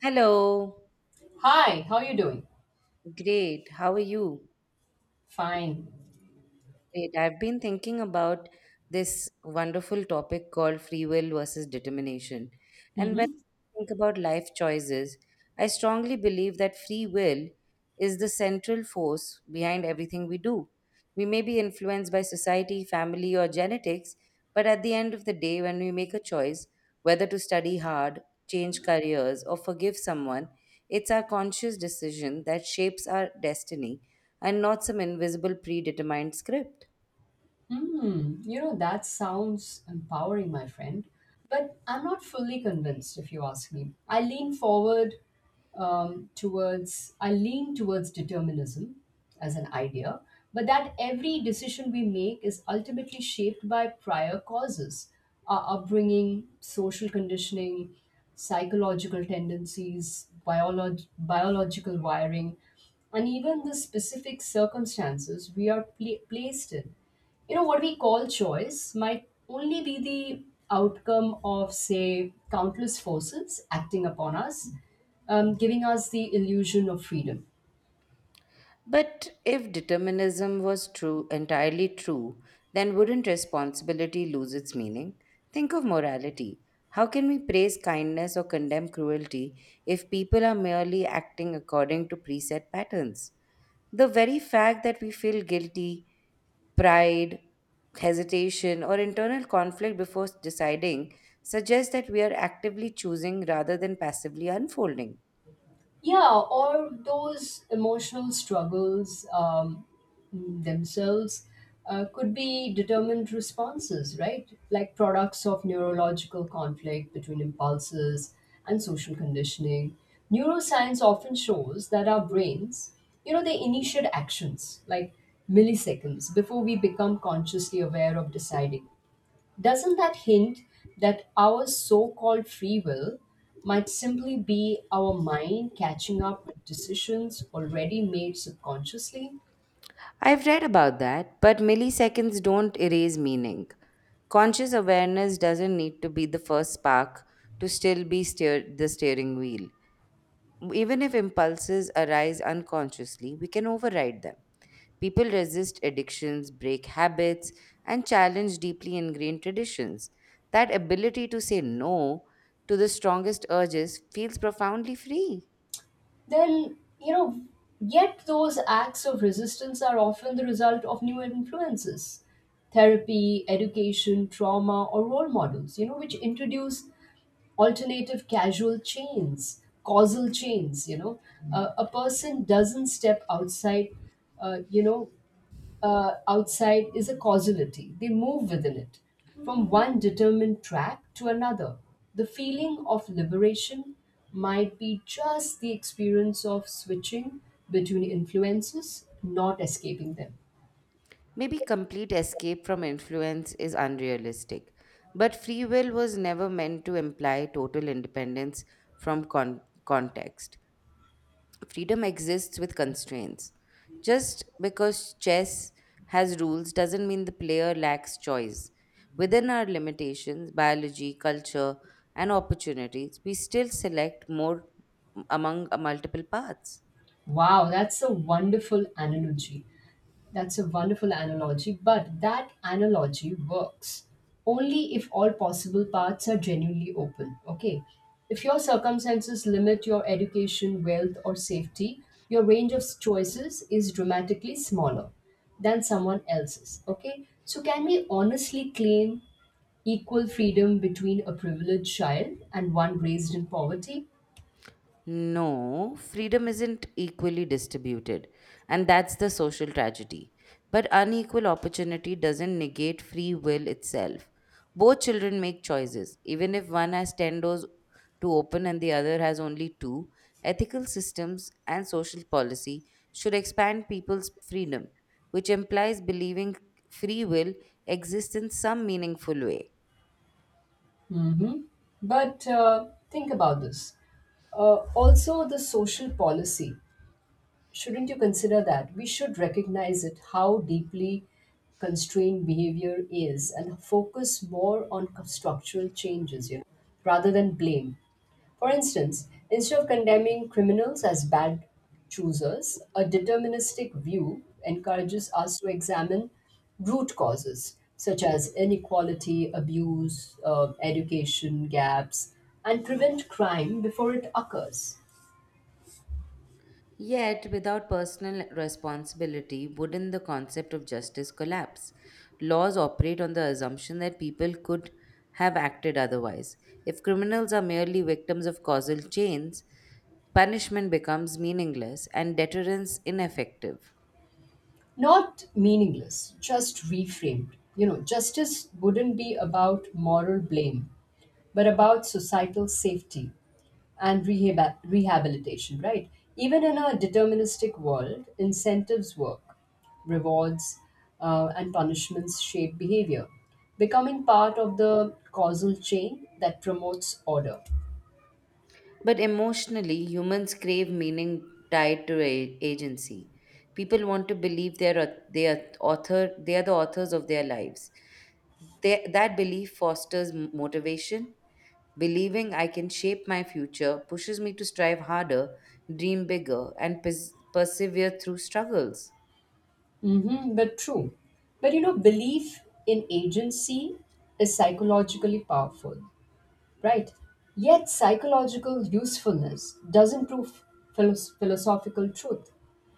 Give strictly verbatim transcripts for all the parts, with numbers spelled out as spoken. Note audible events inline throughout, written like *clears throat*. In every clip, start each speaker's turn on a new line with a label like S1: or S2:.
S1: Hello.
S2: Hi, how you doing?
S1: Great. How are you?
S2: Fine.
S1: Great. I've been thinking about this wonderful topic called free will versus determination. And when
S2: Mm-hmm.
S1: I think about life choices, I strongly believe that free will is the central force behind everything we do. We may be influenced by society, family, or genetics, but at the end of the day, when we make a choice whether to study hard, change careers, or forgive someone, it's our conscious decision that shapes our destiny and not some invisible predetermined script.
S2: Hmm. You know, that sounds empowering, my friend. But I'm not fully convinced, if you ask me. I lean forward um, towards, I lean towards determinism as an idea, but that every decision we make is ultimately shaped by prior causes, our upbringing, social conditioning, psychological tendencies, biolog- biological wiring and even the specific circumstances we are pla placed in. You know, what we call choice might only be the outcome of, say, countless forces acting upon us, um, giving us the illusion of freedom.
S1: But if determinism was true, entirely true, then wouldn't responsibility lose its meaning? Think of morality. How can we praise kindness or condemn cruelty if people are merely acting according to preset patterns? The very fact that we feel guilty, pride, hesitation, or internal conflict before deciding suggests that we are actively choosing rather than passively unfolding.
S2: Yeah, or those emotional struggles, um, themselves uh, could be determined responses, right? Like products of neurological conflict between impulses and social conditioning. Neuroscience often shows that our brains, you know, they initiate actions like milliseconds before we become consciously aware of deciding. Doesn't that hint that our so called free will might simply be our mind catching up with decisions already made subconsciously?
S1: I've read about that, but milliseconds don't erase meaning. Conscious awareness doesn't need to be the first spark to still be steer- the steering wheel. Even if impulses arise unconsciously, we can override them. People resist addictions, break habits, and challenge deeply ingrained traditions. That ability to say no to the strongest urges feels profoundly free.
S2: Then, you know, yet those acts of resistance are often the result of new influences, therapy, education, trauma, or role models, you know, which introduce alternative causal chains causal chains, you know, uh, a person doesn't step outside uh, you know uh, outside is a causality. They move within it, from one determined track to another. The feeling of liberation might be just the experience of switching between influences, not escaping them.
S1: Maybe complete escape from influence is unrealistic, but free will was never meant to imply total independence from con- context. Freedom exists with constraints. Just because chess has rules doesn't mean the player lacks choice. Within our limitations, biology, culture, and opportunities, we still select more among uh, multiple paths.
S2: Wow, that's a wonderful analogy. That's a wonderful analogy, but that analogy works only if all possible paths are genuinely open. Okay. If your circumstances limit your education, wealth, or safety, your range of choices is dramatically smaller than someone else's. Okay. So, can we honestly claim equal freedom between a privileged child and one raised in poverty?
S1: No, freedom isn't equally distributed, and that's the social tragedy. But unequal opportunity doesn't negate free will itself. Both children make choices, even if one has ten doors to open and the other has only two. Ethical systems and social policy should expand people's freedom, which implies believing free will exists in some meaningful way.
S2: But uh, think about this. Uh, also, the social policy. Shouldn't you consider that we should recognize it, how deeply constrained behavior is, and focus more on co- structural changes, you know, rather than blame? For instance, instead of condemning criminals as bad choosers, a deterministic view encourages us to examine root causes such as inequality, abuse, uh, education gaps, and prevent crime before it occurs.
S1: Yet, without personal responsibility, wouldn't the concept of justice collapse? Laws operate on the assumption that people could have acted otherwise. If criminals are merely victims of causal chains, punishment becomes meaningless and deterrence ineffective.
S2: Not meaningless, just reframed. You know, justice wouldn't be about moral blame, but about societal safety and rehab- rehabilitation, right? Even in a deterministic world, incentives work, rewards uh, and punishments shape behavior, becoming part of the causal chain that promotes order.
S1: But emotionally, humans crave meaning tied to a- agency. People want to believe they're au- they are author they are the authors of their lives. They, that belief fosters m- motivation. Believing I can shape my future pushes me to strive harder, dream bigger, and pers- persevere through struggles.
S2: Mm-hmm, but true. But you know, belief in agency is psychologically powerful. Right? Yet, psychological usefulness doesn't prove philos- philosophical truth.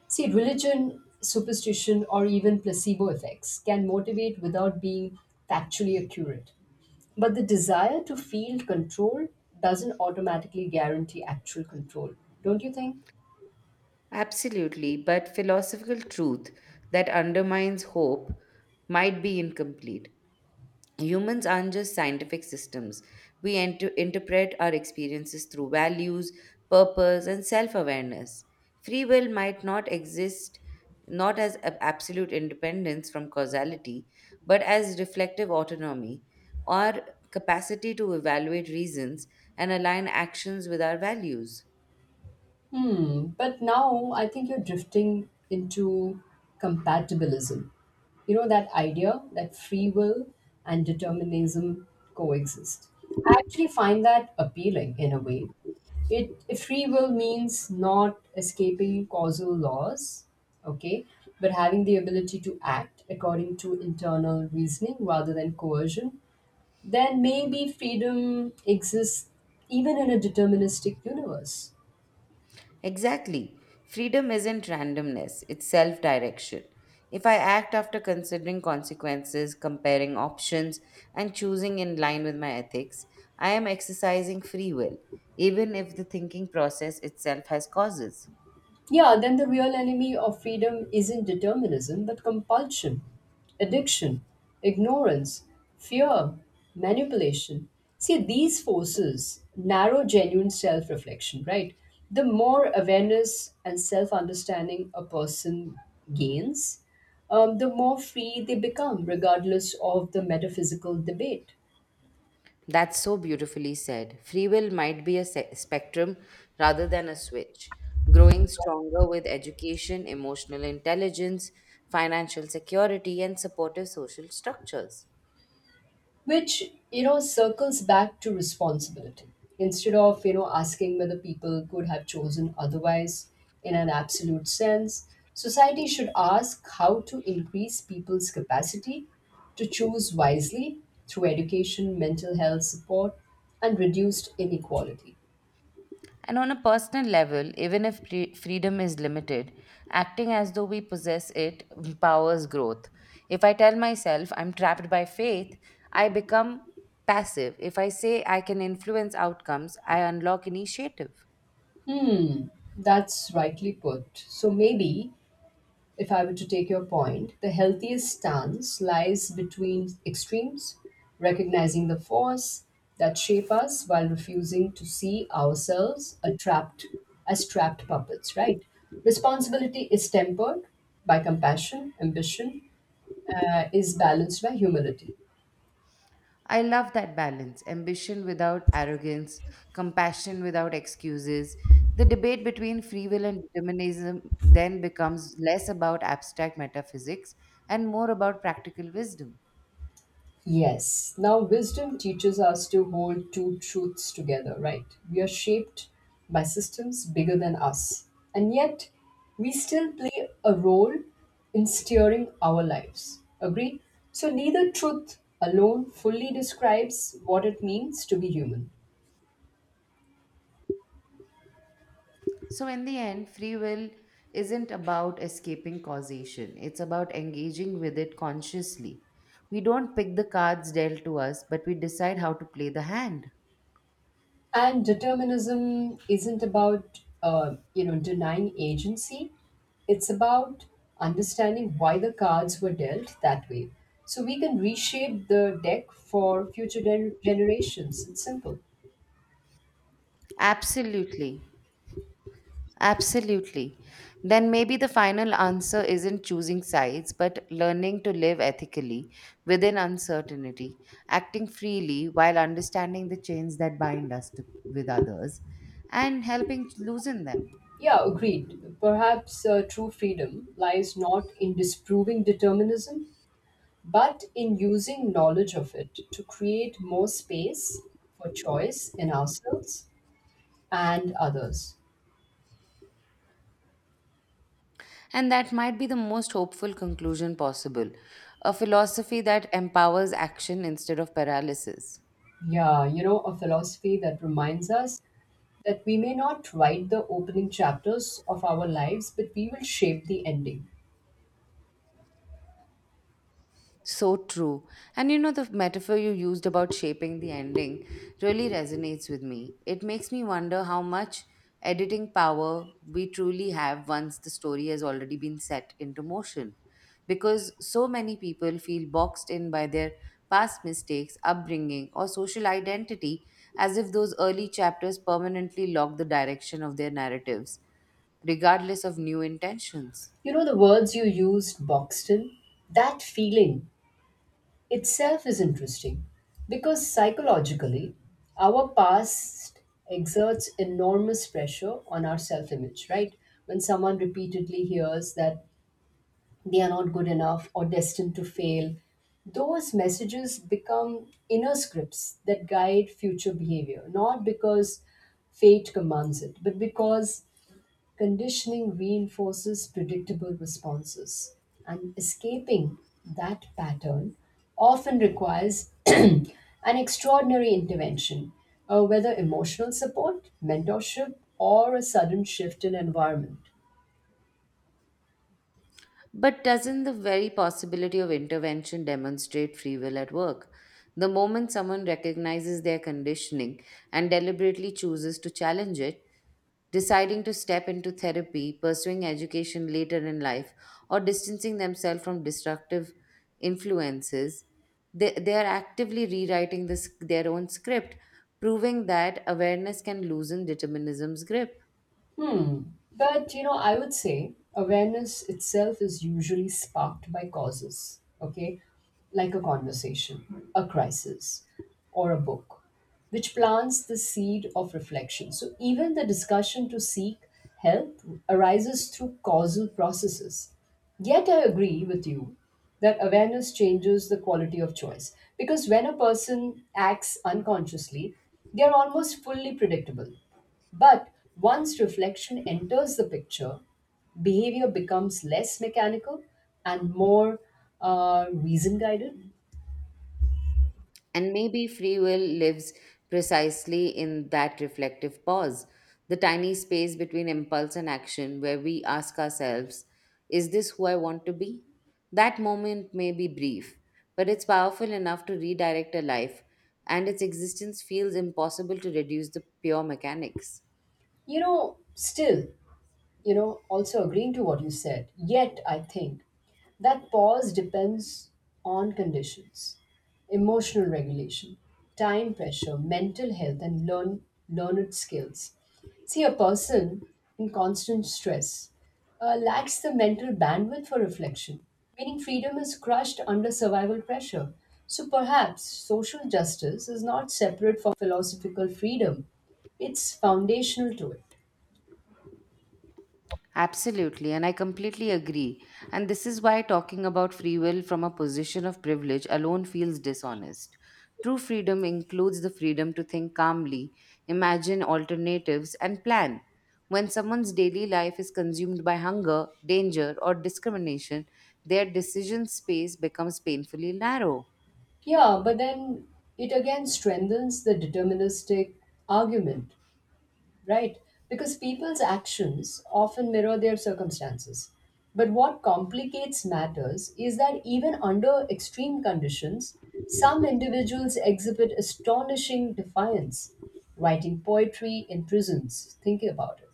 S2: See, religion, superstition, or even placebo effects can motivate without being factually accurate. But the desire to feel control doesn't automatically guarantee actual control, don't you think?
S1: Absolutely, but philosophical truth that undermines hope might be incomplete. Humans aren't just scientific systems. We enter- interpret our experiences through values, purpose, and self awareness. Free will might not exist not as ab- absolute independence from causality, but as reflective autonomy or capacity to evaluate reasons and align actions with our values.
S2: Hmm, but now I think you're drifting into compatibilism. You know, that idea that free will and determinism coexist. I actually find that appealing in a way. It if free will means not escaping causal laws, okay, but having the ability to act according to internal reasoning rather than coercion, then maybe freedom exists even in a deterministic universe.
S1: Exactly. Freedom isn't randomness, it's self direction. If I act after considering consequences, comparing options, and choosing in line with my ethics, I am exercising free will, even if the thinking process itself has causes.
S2: Yeah, then the real enemy of freedom isn't determinism, but compulsion, addiction, ignorance, fear, manipulation. See, these forces narrow genuine self reflection, right? The more awareness and self understanding a person gains, um, the more free they become, regardless of the metaphysical debate.
S1: That's so beautifully said. Free will might be a se- spectrum rather than a switch, growing stronger with education, emotional intelligence, financial security, and supportive social structures.
S2: Which, you know, circles back to responsibility, instead of, you know, asking whether people could have chosen otherwise in an absolute sense. Society should ask how to increase people's capacity to choose wisely through education, mental health support, and reduced inequality.
S1: And on a personal level, even if free- freedom is limited, acting as though we possess it empowers growth. If I tell myself I'm trapped by faith, I become passive. If I say I can influence outcomes, I unlock initiative.
S2: Hmm, that's rightly put. So maybe, if I were to take your point, the healthiest stance lies between extremes, recognizing the force that shape us while refusing to see ourselves a trapped, as trapped puppets, right? Responsibility is tempered by compassion, ambition uh, is balanced by humility.
S1: I love that balance ambition without arrogance, compassion without excuses. The debate between free will and determinism then becomes less about abstract metaphysics and more about practical wisdom.
S2: Yes. Now, wisdom teaches us to hold two truths together, right? We are shaped by systems bigger than us, and yet we still play a role in steering our lives. Agree? So, neither truth alone fully describes what it means to be human.
S1: So, in the end, free will isn't about escaping causation, it's about engaging with it consciously. We don't pick the cards dealt to us, but we decide how to play the hand.
S2: And determinism isn't about, uh, you know, denying agency. It's about understanding why the cards were dealt that way, so we can reshape the deck for future gen- generations. It's simple.
S1: Absolutely. Absolutely. Then maybe the final answer isn't choosing sides, but learning to live ethically within uncertainty, acting freely while understanding the chains that bind us to, with others and helping to loosen them.
S2: Yeah, agreed. Perhaps uh, true freedom lies not in disproving determinism, but in using knowledge of it to create more space for choice in ourselves and others.
S1: And that might be the most hopeful conclusion possible a philosophy that empowers action instead of paralysis.
S2: Yeah, you know, a philosophy that reminds us that we may not write the opening chapters of our lives, but we will shape the ending.
S1: So true. And you know, the metaphor you used about shaping the ending really resonates with me. It makes me wonder how much editing power we truly have once the story has already been set into motion. Because so many people feel boxed in by their past mistakes, upbringing, or social identity as if those early chapters permanently lock the direction of their narratives, regardless of new intentions.
S2: You know, the words you used, Buxton, that feeling itself is interesting because, psychologically, our past exerts enormous pressure on our self image, right? When someone repeatedly hears that they are not good enough or destined to fail. Those messages become inner scripts that guide future behavior, not because fate commands it, but because conditioning reinforces predictable responses. And escaping that pattern often requires *clears throat* an extraordinary intervention, uh, whether emotional support, mentorship, or a sudden shift in environment.
S1: But doesn't the very possibility of intervention demonstrate free will at work? The moment someone recognizes their conditioning and deliberately chooses to challenge it, deciding to step into therapy, pursuing education later in life, or distancing themselves from destructive influences, they, they are actively rewriting this, their own script, proving that awareness can loosen determinism's grip.
S2: Hmm. But you know, I would say awareness itself is usually sparked by causes, okay? Like a conversation, a crisis, or a book, which plants the seed of reflection. So even the discussion to seek help arises through causal processes. Yet I agree with you that awareness changes the quality of choice, because when a person acts unconsciously, they are almost fully predictable, but once reflection enters the picture, behavior becomes less mechanical and more uh, reason guided.
S1: And maybe free will lives precisely in that reflective pause, the tiny space between impulse and action where we ask ourselves, is this who I want to be? That moment may be brief, but it's powerful enough to redirect a life, and its existence feels impossible to reduce the pure mechanics.
S2: You know, still, you know, also agreeing to what you said. Yet, I think that pause depends on conditions, emotional regulation, time pressure, mental health, and learn, learned skills. See, a person in constant stress uh, lacks the mental bandwidth for reflection, meaning freedom is crushed under survival pressure. So perhaps social justice is not separate from philosophical freedom, it's foundational to it.
S1: Absolutely, and I completely agree. And this is why talking about free will from a position of privilege alone feels dishonest. True freedom includes the freedom to think calmly, imagine alternatives, and plan. When someone's daily life is consumed by hunger, danger, or discrimination, their decision space becomes painfully narrow.
S2: Yeah, but then it again strengthens the deterministic argument, right? Because people's actions often mirror their circumstances. But what complicates matters is that even under extreme conditions, some individuals exhibit astonishing defiance, writing poetry in prisons, thinking about it,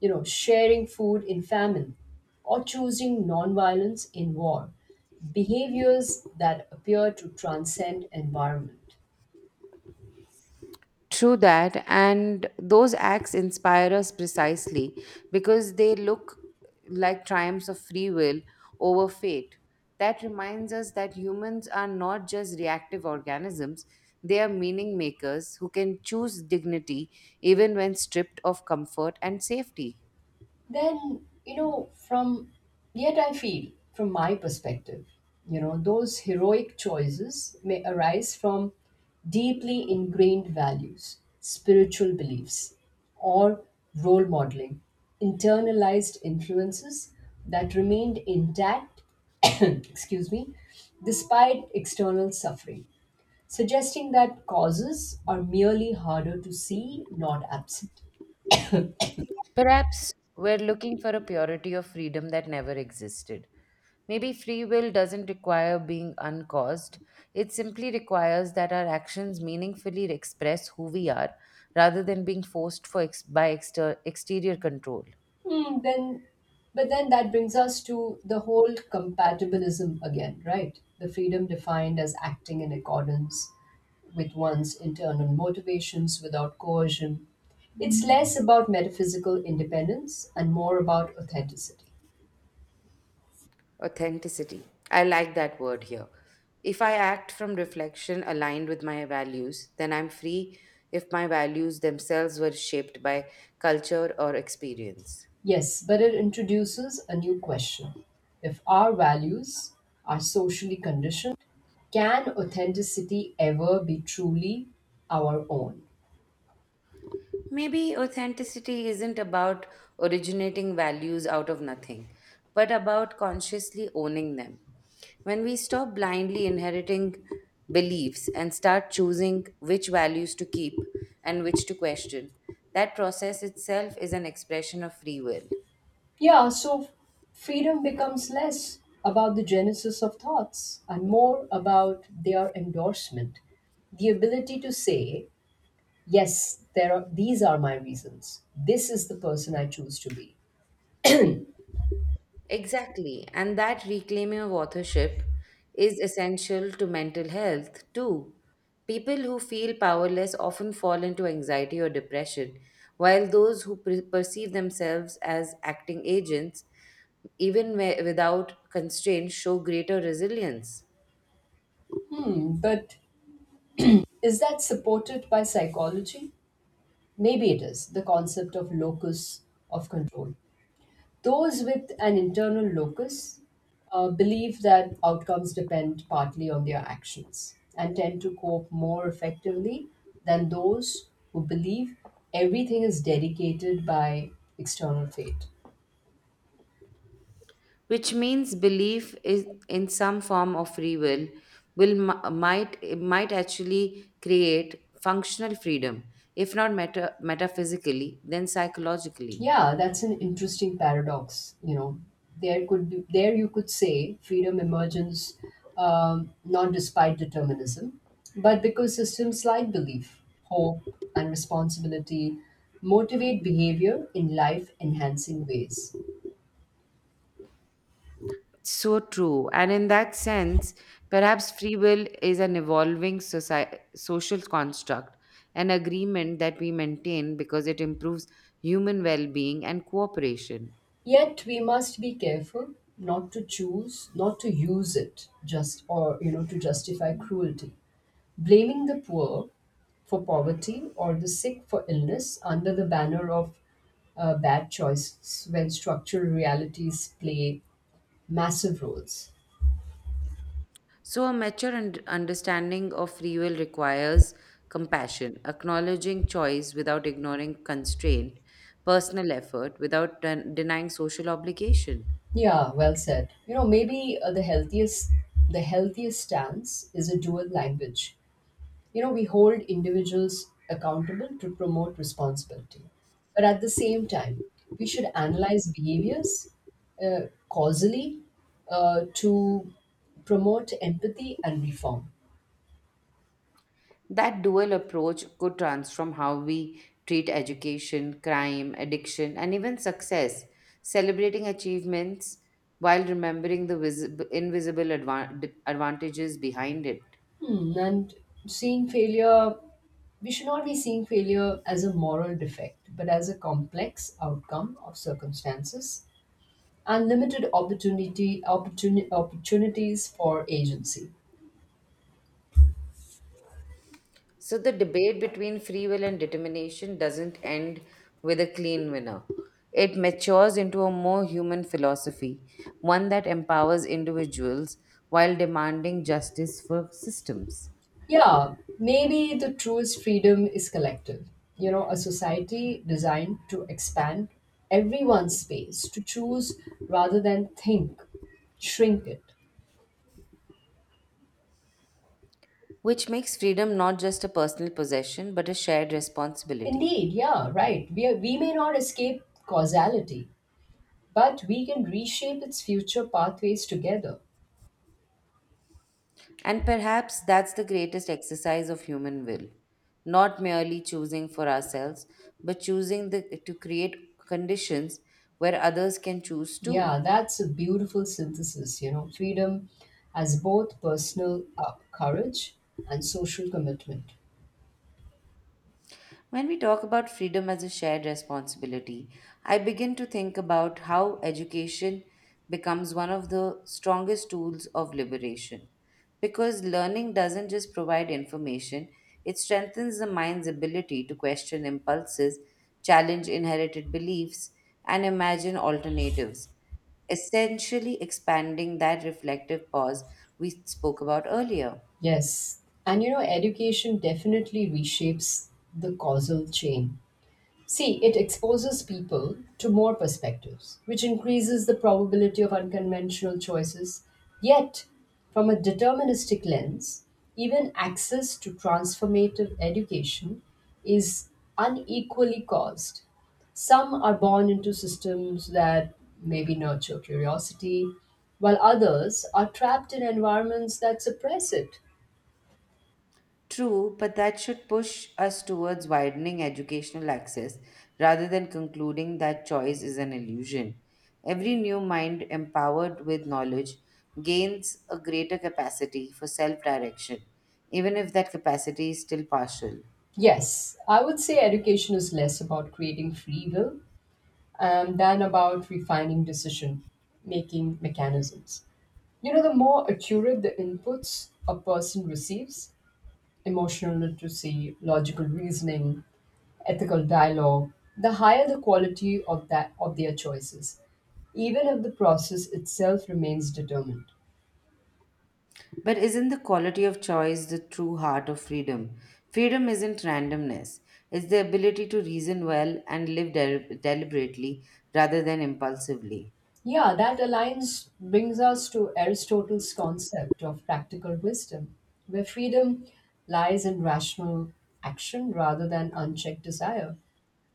S2: you know, sharing food in famine, or choosing nonviolence in war, behaviors that appear to transcend environment.
S1: True that, and those acts inspire us precisely because they look like triumphs of free will over fate. That reminds us that humans are not just reactive organisms, they are meaning makers who can choose dignity even when stripped of comfort and safety.
S2: Then you know from yet I feel, from my perspective, you know, those heroic choices may arise from deeply ingrained values, spiritual beliefs, or role modeling, internalized influences that remained intact, *coughs* excuse me, despite external suffering, suggesting that causes are merely harder to see, not absent.
S1: Perhaps we're looking for a purity of freedom that never existed. Maybe free will doesn't require being uncaused, it simply requires that our actions meaningfully express who we are rather than being forced for ex- by exter- exterior control.
S2: Hmm, then, but then that brings us to the whole compatibilism again, right? The freedom defined as acting in accordance with one's internal motivations without coercion. It's less about metaphysical independence and more about authenticity.
S1: Authenticity. I like that word here. If I act from reflection aligned with my values, then I'm free if my values themselves were shaped by culture or experience.
S2: Yes, but it introduces a new question. If our values are socially conditioned, can authenticity ever be truly our own?
S1: Maybe authenticity isn't about originating values out of nothing, but about consciously owning them. When we stop blindly inheriting beliefs and start choosing which values to keep and which to question, that process itself is an expression of free will.
S2: Yeah, so freedom becomes less about the genesis of thoughts and more about their endorsement. The ability to say, yes, there are, these are my reasons. This is the person I choose to be.
S1: Exactly, and that reclaiming of authorship is essential to mental health too. People who feel powerless often fall into anxiety or depression, while those who per- perceive themselves as acting agents, even whe- without constraints, show greater resilience.
S2: Hmm, but is that supported by psychology? Maybe it is, the concept of locus of control. Those with an internal locus uh, believe that outcomes depend partly on their actions and tend to cope more effectively than those who believe everything is dedicated by external fate.
S1: Which means belief is in some form of free will will mi- might might actually create functional freedom if not meta, metaphysically then psychologically.
S2: Yeah, that's an interesting paradox. You know, there could be there you could say freedom emerges, um, not despite determinism, but because systems like belief, hope, and responsibility motivate behavior in life-enhancing ways.
S1: So true, and in that sense perhaps free will is an evolving soci- social construct, an agreement that we maintain because it improves human well-being and cooperation.
S2: Yet we must be careful not to choose, not to use it just, or you know, to justify cruelty. Blaming the poor for poverty or the sick for illness under the banner of uh, bad choices, when structural realities play massive roles.
S1: So, a mature und- understanding of free will requires compassion, acknowledging choice without ignoring constraint, personal effort without den- denying social obligation.
S2: Yeah, well said. You know, maybe uh, the healthiest the healthiest stance is a dual language. You know, we hold individuals accountable to promote responsibility, but at the same time, we should analyze behaviors, uh, causally, uh, to promote empathy and reform.
S1: That dual approach could transform how we treat education, crime, addiction, and even success, celebrating achievements while remembering the visi- invisible advan- advantages behind it.
S2: Hmm. And seeing failure, we should not be seeing failure as a moral defect, but as a complex outcome of circumstances and limited opportunity opportuni- opportunities for agency.
S1: So the debate between free will and determination doesn't end with a clean winner. It matures into a more human philosophy, one that empowers individuals while demanding justice for systems,
S2: Yeah, maybe the truest freedom is collective. You know, a society designed to expand everyone's space, to choose rather than think, shrink it.
S1: which makes freedom not just a personal possession but a shared responsibility.
S2: Indeed, yeah, right. We, are, we may not escape causality, but we can reshape its future pathways together.
S1: And perhaps that's the greatest exercise of human will not merely choosing for ourselves, but choosing the, to create conditions where others can choose too.
S2: Yeah, that's a beautiful synthesis. You know, freedom as both personal uh, courage and social commitment.
S1: When we talk about freedom as a shared responsibility, I begin to think about how education becomes one of the strongest tools of liberation. Because learning doesn't just provide information, it strengthens the mind's ability to question impulses, challenge inherited beliefs, and imagine alternatives, essentially expanding that reflective pause we spoke about earlier.
S2: Yes. And you know, education definitely reshapes the causal chain. See, it exposes people to more perspectives, which increases the probability of unconventional choices. Yet, from a deterministic lens, even access to transformative education is unequally caused. Some are born into systems that maybe nurture curiosity, while others are trapped in environments that suppress it.
S1: True, but that should push us towards widening educational access rather than concluding that choice is an illusion. Every new mind empowered with knowledge gains a greater capacity for self direction, even if that capacity is still partial.
S2: Yes, I would say education is less about creating free will, um, than about refining decision making mechanisms. You know, the more accurate the inputs a person receives, emotional literacy, logical reasoning, ethical dialogue, the higher the quality of that of their choices, even if the process itself remains determined.
S1: But isn't the quality of choice the true heart of freedom? Freedom isn't randomness, it's the ability to reason well and live del- deliberately rather than impulsively.
S2: Yeah, that alliance brings us to Aristotle's concept of practical wisdom, where freedom lies in rational action rather than unchecked desire.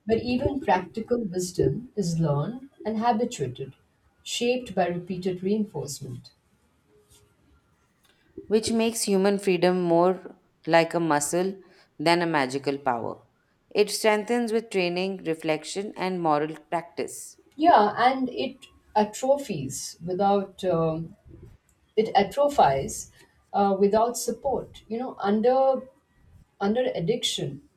S2: But even practical wisdom is learned and habituated, shaped by repeated reinforcement.
S1: Which makes human freedom more like a muscle than a magical power. It strengthens with training, reflection, and moral practice,
S2: Yeah, and it atrophies without um, it atrophies uh, without support. You know, under under addiction,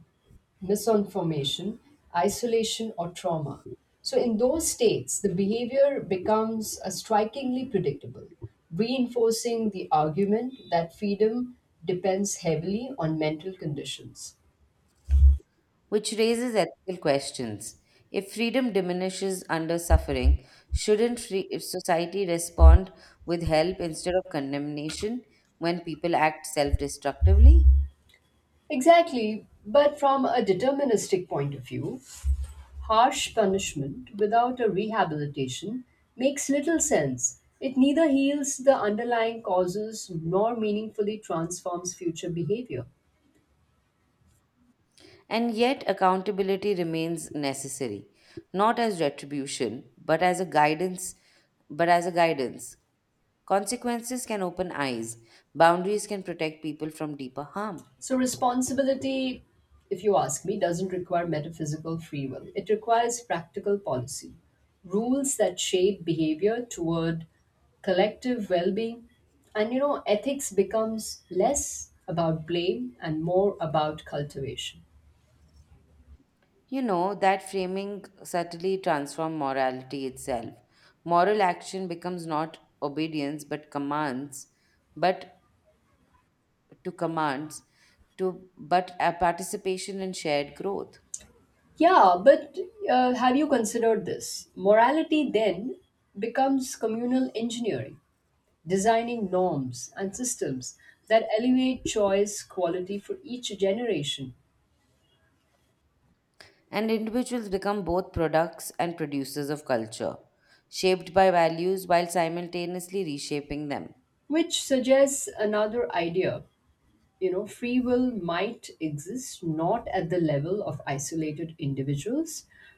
S2: misinformation, isolation, or trauma. So, in those states, the behavior becomes uh, strikingly predictable, reinforcing the argument that freedom depends heavily on mental conditions.
S1: which raises ethical questions. If freedom diminishes under suffering, shouldn't free- if society respond with help instead of condemnation when people act self destructively?
S2: Exactly, but from a deterministic point of view, harsh punishment without a rehabilitation makes little sense. It neither heals the underlying causes nor meaningfully transforms future behavior.
S1: And yet, accountability remains necessary, not as retribution, but as a guidance. But as a guidance, Consequences can open eyes, boundaries can protect people from deeper harm.
S2: So, responsibility, if you ask me, doesn't require metaphysical free will. It requires practical policy, rules that shape behavior toward collective well being. And you know, ethics becomes less about blame and more about cultivation.
S1: You know, that framing subtly transforms morality itself. Moral action becomes not obedience but commands, but to commands, to but a participation in shared growth.
S2: Yeah, but uh, have you considered this? Morality then becomes communal engineering, designing norms and systems that elevate choice quality for each generation,
S1: And individuals become both products and producers of culture, shaped by values while simultaneously reshaping them.
S2: which suggests another idea. You know, free will might exist not at the level of isolated individuals,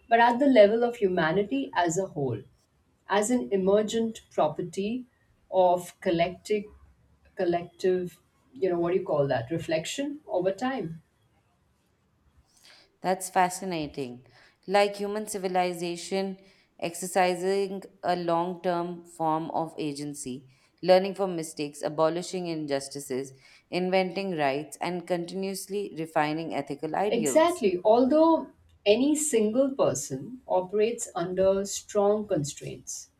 S2: but at the level of humanity as a whole, as an emergent property of collective collective, you know, what do you call that, reflection over time.
S1: That's fascinating. Like human civilization exercising a long term form of agency, learning from mistakes, abolishing injustices, inventing rights, and continuously refining ethical ideals.
S2: Exactly, although any single person operates under strong constraints,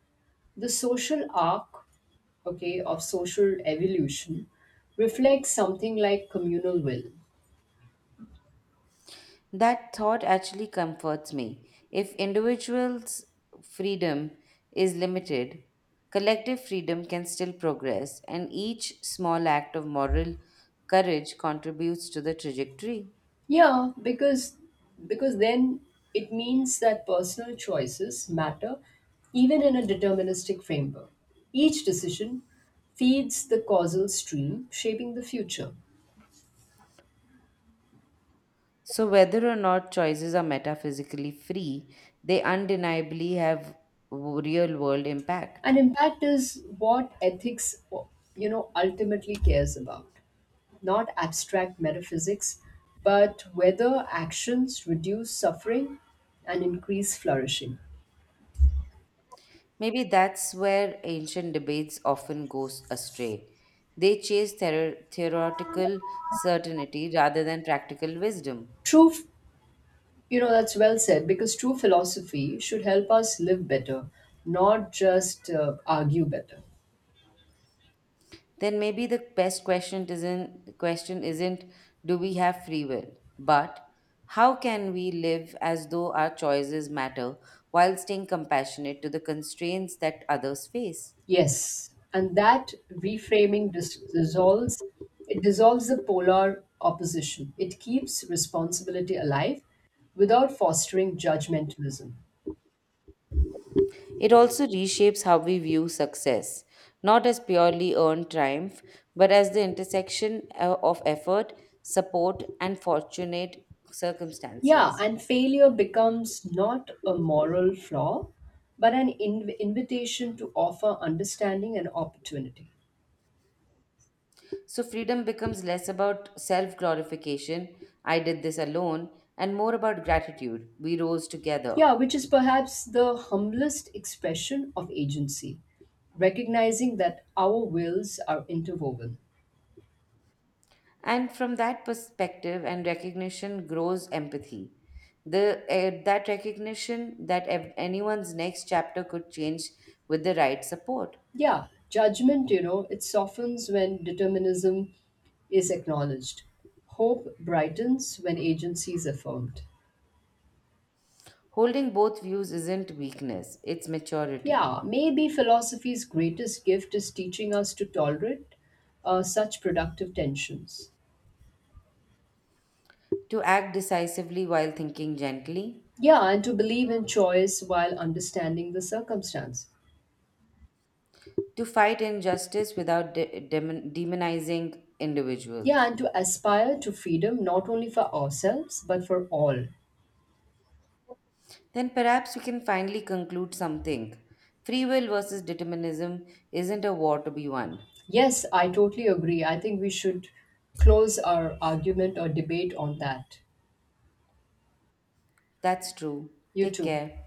S2: the social arc, okay, of social evolution reflects something like communal will.
S1: That thought actually comforts me. If individuals' freedom is limited, collective freedom can still progress, and each small act of moral courage contributes to the trajectory.
S2: Yeah, because because then it means that personal choices matter even in a deterministic framework. Each decision feeds the causal stream shaping the future.
S1: So, whether or not choices are metaphysically free, they undeniably have w- real world impact.
S2: And impact is what ethics, you know, ultimately cares about. Not abstract metaphysics, but whether actions reduce suffering and increase flourishing.
S1: Maybe that's where ancient debates often goes astray. They chase theor- theoretical certainty rather than practical wisdom.
S2: True, f- you know, that's well said, because true philosophy should help us live better, not just uh, argue better.
S1: Then maybe the best question isn't question isn't do we have free will, but how can we live as though our choices matter while staying compassionate to the constraints that others face?
S2: Yes, and that reframing dis- dissolves it dissolves the polar opposition. It keeps responsibility alive without fostering judgmentalism.
S1: It also reshapes how we view success, not as purely earned triumph, but as the intersection uh, of effort, support, and fortunate
S2: Yeah,
S1: circumstances.
S2: and failure becomes not a moral flaw, but an inv- invitation to offer understanding and opportunity.
S1: So, freedom becomes less about self glorification, I did this alone, and more about gratitude, we rose together.
S2: Yeah, which is perhaps the humblest expression of agency, recognizing that our wills are interwoven.
S1: And from that perspective and recognition grows empathy. The, uh, that recognition that ev- anyone's next chapter could change with the right support.
S2: Yeah, judgment, you know, it softens when determinism is acknowledged. Hope brightens when agency is affirmed.
S1: Holding both views isn't weakness, it's maturity.
S2: Yeah, maybe philosophy's greatest gift is teaching us to tolerate uh, such productive tensions.
S1: To act decisively while thinking gently,
S2: Yeah, and to believe in choice while understanding the circumstance.
S1: to fight injustice without de- demon- demonizing
S2: Yeah,
S1: individuals.
S2: and to aspire to freedom not only for ourselves but for all.
S1: Then perhaps we can finally conclude something. Free will versus determinism isn't a war to be won.
S2: Yes, I totally agree. I think we should close our argument or debate on that.
S1: That's true.
S2: You
S1: Take
S2: too.
S1: care.